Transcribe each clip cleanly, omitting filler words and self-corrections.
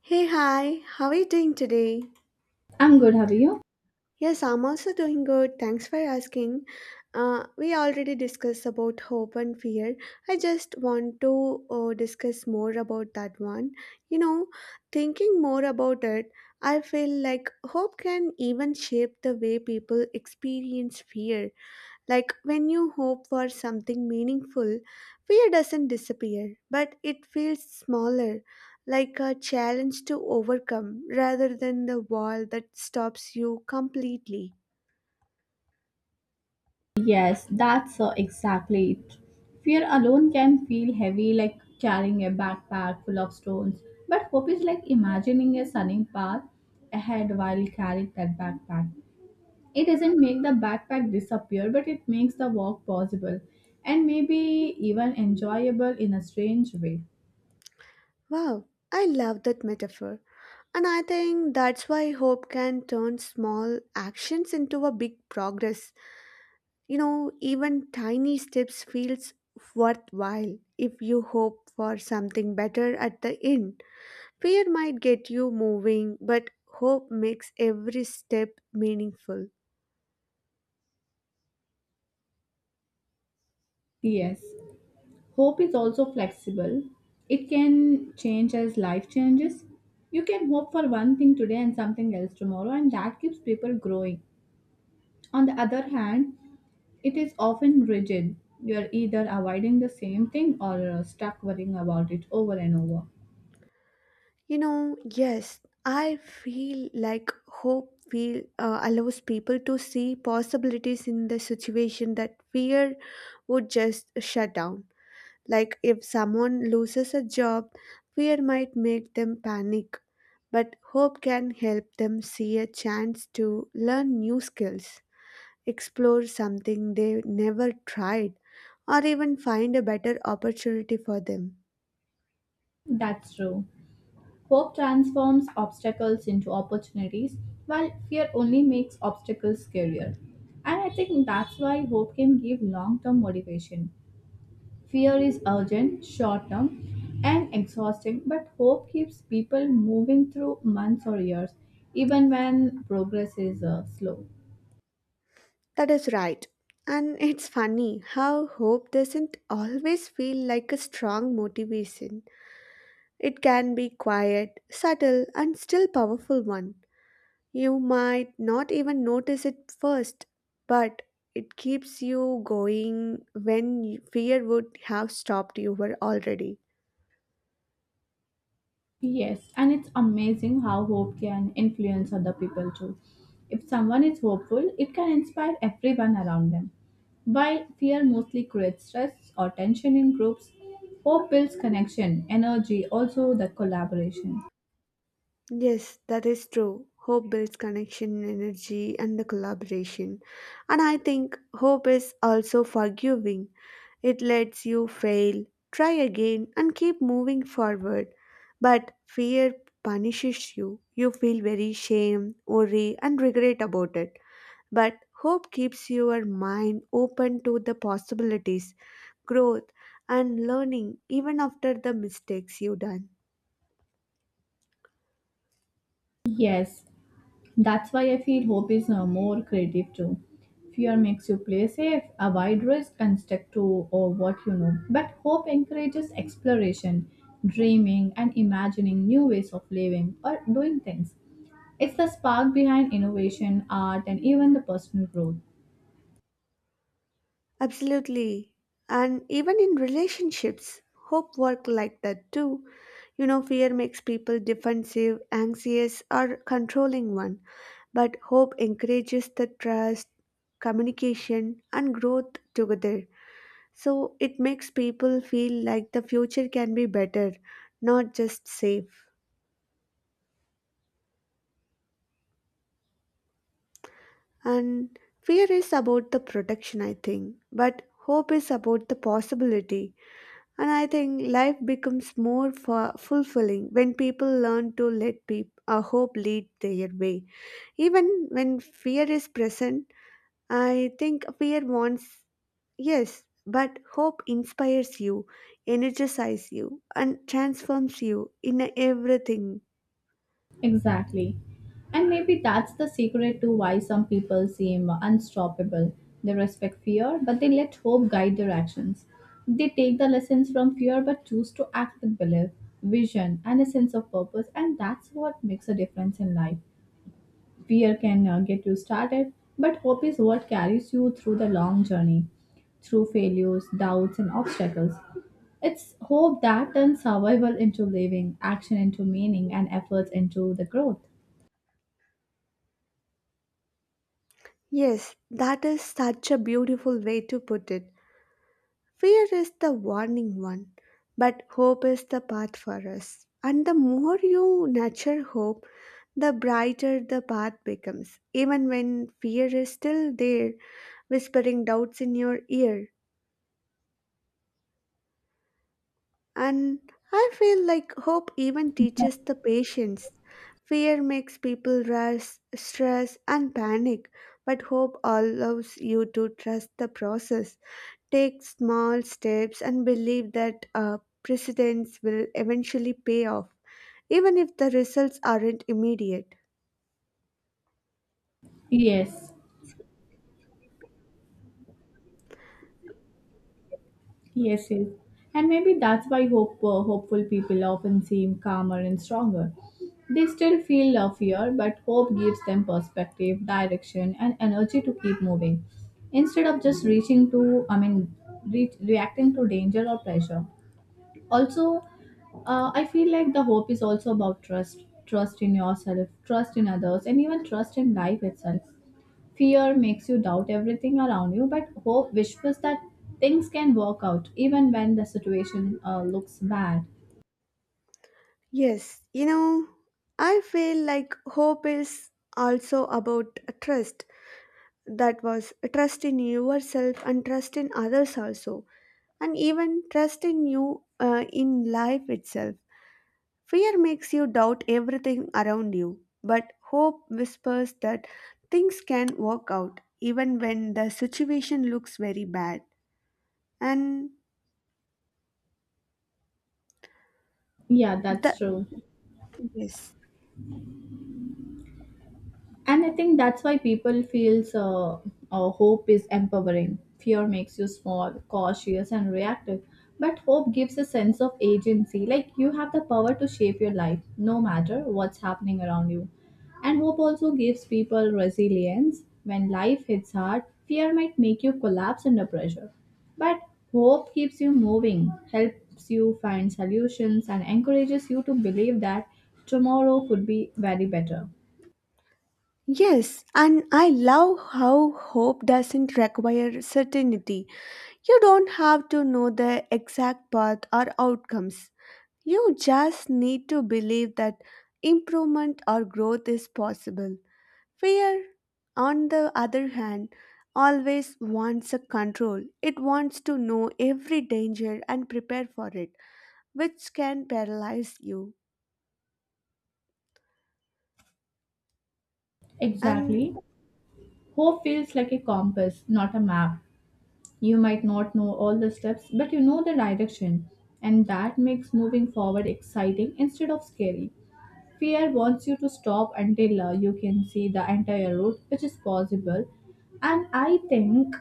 Hey, hi, how are you doing today? I'm good, have you? Yes, I'm also doing good. Thanks for asking. We already discussed about hope and fear. I just want to discuss more about that one. You know, thinking more about it, I feel like hope can even shape the way people experience fear. Like when you hope for something meaningful, fear doesn't disappear, but it feels smaller, like a challenge to overcome rather than the wall that stops you completely. Yes, that's exactly it. Fear alone can feel heavy like carrying a backpack full of stones, but hope is like imagining a sunning path ahead while you carry that backpack. It doesn't make the backpack disappear, but it makes the walk possible and maybe even enjoyable in a strange way. Wow, I love that metaphor. And I think that's why hope can turn small actions into a big progress. You know, even tiny steps feels worthwhile if you hope for something better at the end. Fear might get you moving, but hope makes every step meaningful. Yes. Hope is also flexible. It can change as life changes. You can hope for one thing today and something else tomorrow, and that keeps people growing. On the other hand, it is often rigid. You're either avoiding the same thing or stuck worrying about it over and over. You know, yes, I feel like hope feel allows people to see possibilities in the situation that fear would just shut down. Like if someone loses a job, fear might make them panic, but hope can help them see a chance to learn new skills, explore something they never tried, or even find a better opportunity for them. That's true. Hope transforms obstacles into opportunities, while fear only makes obstacles scarier. And I think that's why hope can give long term motivation. Fear is urgent, short term, and exhausting, but hope keeps people moving through months or years, even when progress is slow. That is right. And it's funny how hope doesn't always feel like a strong motivation. It can be quiet, subtle, and still powerful one. You might not even notice it first, but it keeps you going when fear would have stopped you were already. Yes, and it's amazing how hope can influence other people too. If someone is hopeful, it can inspire everyone around them. While fear mostly creates stress or tension in groups, hope builds connection, energy, also the collaboration. Yes, that is true. Hope builds connection, energy, and the collaboration. And I think hope is also forgiving. It lets you fail, try again, and keep moving forward. But fear punishes you. You feel very shame, worry, and regret about it. But hope keeps your mind open to the possibilities, growth, and learning even after the mistakes you've done. Yes, that's why I feel hope is more creative too. Fear makes you play safe, avoid risk, and stick to what you know. But hope encourages exploration, dreaming, and imagining new ways of living or doing things. It's the spark behind innovation, art, and even the personal growth. Absolutely. And even in relationships, hope work like that too. You know, fear makes people defensive, anxious, or controlling one. But hope encourages the trust, communication, and growth together. So it makes people feel like the future can be better, not just safe. And fear is about the protection, I think. But hope is about the possibility. And I think life becomes more fulfilling when people learn to let peop hope lead their way. Even when fear is present, I think fear wants, yes, but hope inspires you, energizes you, and transforms you in everything. Exactly. And maybe that's the secret to why some people seem unstoppable. They respect fear, but they let hope guide their actions. They take the lessons from fear but choose to act with belief, vision, and a sense of purpose, and that's what makes a difference in life. Fear can get you started, but hope is what carries you through the long journey, through failures, doubts, and obstacles. It's hope that turns survival into living, action into meaning, and efforts into the growth. Yes, that is such a beautiful way to put it. Fear is the warning one, but hope is the path for us. And the more you nurture hope, the brighter the path becomes. Even when fear is still there, whispering doubts in your ear. And I feel like hope even teaches the patience. Fear makes people rush, stress, and panic, but hope allows you to trust the process. Take small steps and believe that precedents will eventually pay off, even if the results aren't immediate. Yes, yes, yes. And maybe that's why hopeful people often seem calmer and stronger. They still feel a fear, but hope gives them perspective, direction, and energy to keep moving instead of just reaching to, reacting to danger or pressure. Also, I feel like the hope is also about trust, trust in yourself, trust in others, and even trust in life itself. Fear makes you doubt everything around you, but hope whispers that things can work out even when the situation looks bad. Yes, you know, I feel like hope is also about trust. That was trust in yourself and trust in others also, and even trust in you in life itself. Fear makes you doubt everything around you, but hope whispers that things can work out even when the situation looks very bad. And Yeah, that's the true. Yes. And I think that's why people feels hope is empowering. Fear makes you small, cautious, and reactive. But hope gives a sense of agency. Like you have the power to shape your life, no matter what's happening around you. And hope also gives people resilience. When life hits hard, fear might make you collapse under pressure. But hope keeps you moving, helps you find solutions, and encourages you to believe that tomorrow could be very better. Yes, and I love how hope doesn't require certainty. You don't have to know the exact path or outcomes. You just need to believe that improvement or growth is possible. Fear, on the other hand, always wants a control. It wants to know every danger and prepare for it, which can paralyze you. And Exactly. Hope feels like a compass, not a map. You might not know all the steps, but you know the direction, and that makes moving forward exciting instead of scary. Fear wants you to stop until you can see the entire route, which is possible. And I think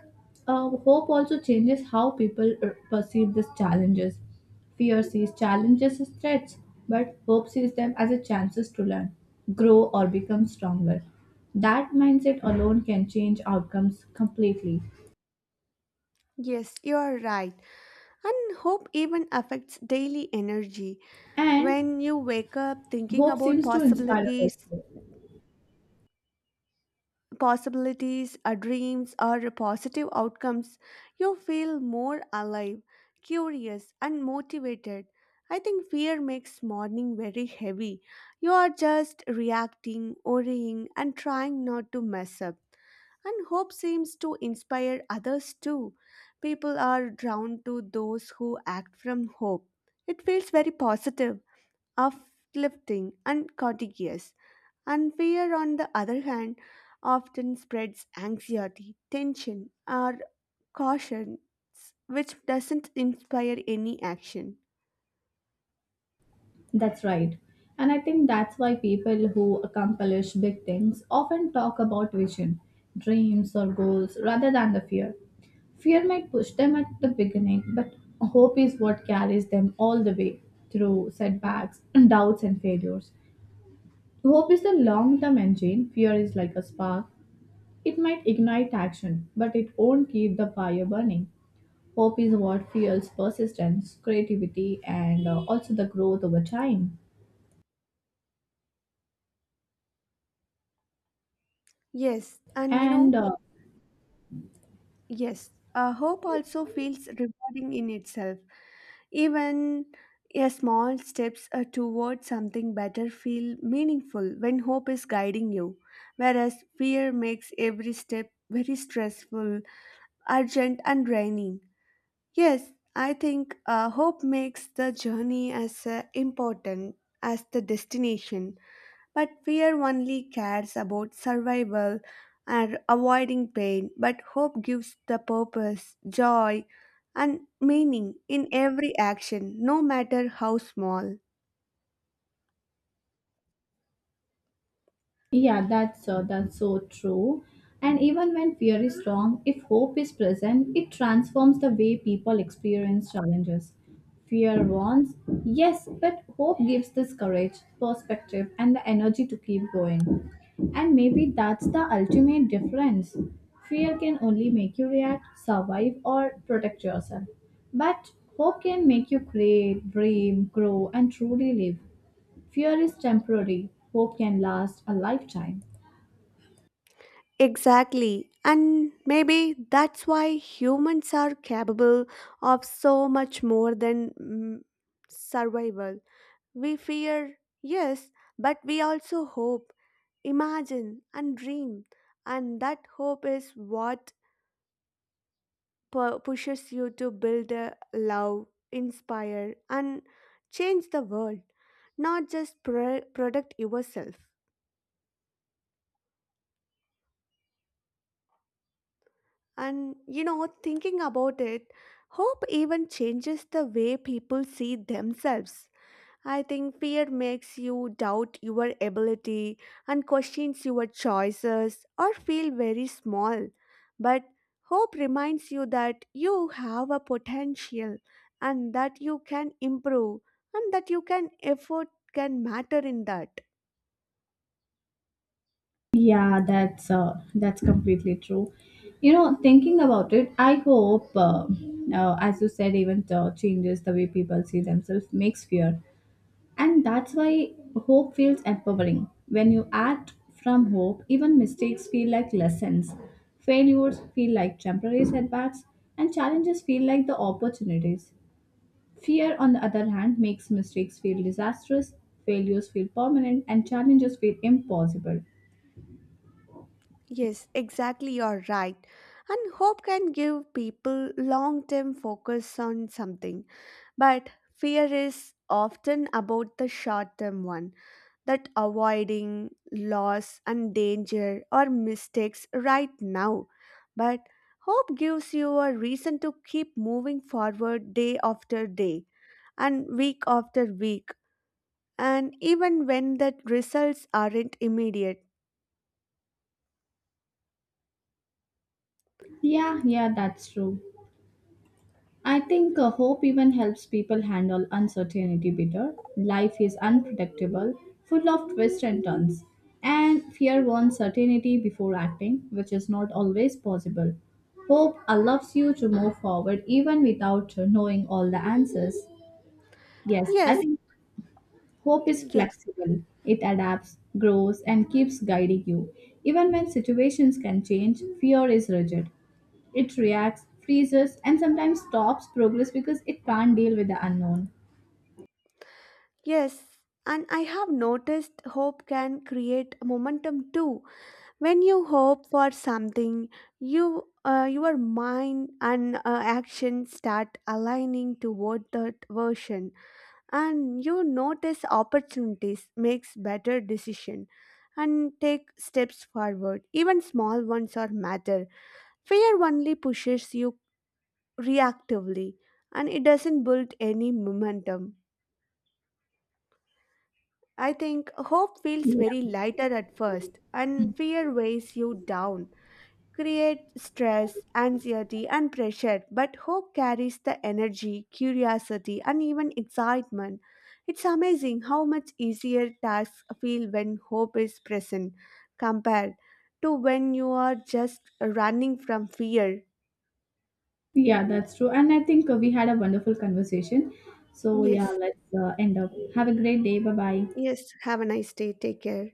hope also changes how people perceive these challenges. Fear sees challenges as threats, but hope sees them as a chances to learn, grow, or become stronger. That mindset alone can change outcomes completely. yes, you are right. And hope even affects daily energy. And When you wake up thinking hope about seems to inspire possibilities, us. possibilities, or dreams, or positive outcomes, you feel more alive, curious, and motivated. I think fear makes morning very heavy. You are just reacting, worrying, and trying not to mess up. And hope seems to inspire others too. People are drawn to those who act from hope. It feels very positive, uplifting, and contagious. And fear, on the other hand, often spreads anxiety, tension, or caution, which doesn't inspire any action. That's right. And I think that's why people who accomplish big things often talk about vision, dreams, or goals rather than the fear. Fear might push them at the beginning, but hope is what carries them all the way through setbacks, doubts, and failures. Hope is the long term engine, fear is like a spark. It might ignite action, but it won't keep the fire burning. Hope is what fuels persistence, creativity, and also the growth over time. Yes, and you And know, yes, hope also feels rewarding in itself. Even a small steps towards something better feel meaningful when hope is guiding you, whereas fear makes every step very stressful, urgent, and draining. Yes, I think hope makes the journey as important as the destination, but fear only cares about survival and avoiding pain. But hope gives the purpose, joy, and meaning in every action, no matter how small. Yeah, that's so true. And even when fear is strong, if hope is present, it transforms the way people experience challenges. Fear warns, yes, but hope gives this courage, perspective, and the energy to keep going. And maybe that's the ultimate difference. Fear can only make you react, survive, or protect yourself. But hope can make you create, dream, grow, and truly live. Fear is temporary, hope can last a lifetime. Exactly, and maybe that's why humans are capable of so much more than survival. We fear, yes, but we also hope, imagine, and dream. And that hope is what pushes you to build a love, inspire, and change the world, not just product yourself. And you know, thinking about it, hope even changes the way people see themselves. I think fear makes you doubt your ability and questions your choices or feel very small. But hope reminds you that you have a potential and that you can improve and that you can effort can matter in that. Yeah, that's completely true. You know, thinking about it, as you said, even changes the way people see themselves makes fear, and that's why hope feels empowering. When you act from hope, even mistakes feel like lessons, failures feel like temporary setbacks, and challenges feel like the opportunities. Fear, on the other hand, makes mistakes feel disastrous, failures feel permanent, and challenges feel impossible. Yes, exactly you're right. And hope can give people long-term focus on something. But fear is often about the short-term one that avoiding loss and danger or mistakes right now. But hope gives you a reason to keep moving forward day after day and week after week, and even when the results aren't immediate. Yeah, yeah, that's true. I think hope even helps people handle uncertainty better. Life is unpredictable, full of twists and turns. And fear wants certainty before acting, which is not always possible. Hope allows you to move forward even without knowing all the answers. Yes, I Yes, think hope is yes, flexible, it adapts, grows, and keeps guiding you. Even when situations can change, fear is rigid. It reacts, freezes, and sometimes stops progress because it can't deal with the unknown. yes. And I have noticed hope can create momentum too. When you hope for something, your mind and action start aligning toward that version, and you notice opportunities, makes better decision and take steps forward, even small ones are matter. Fear only pushes you reactively, and it doesn't build any momentum. I think hope feels Yeah, very lighter at first and fear weighs you down, create stress, anxiety, and pressure, but hope carries the energy, curiosity, and even excitement. It's amazing how much easier tasks feel when hope is present compared to when you are just running from fear. yeah, that's true. And I think we had a wonderful conversation. So, yeah, Yes, let's end up. Have a great day. Bye bye. yes, have a nice day. Take care.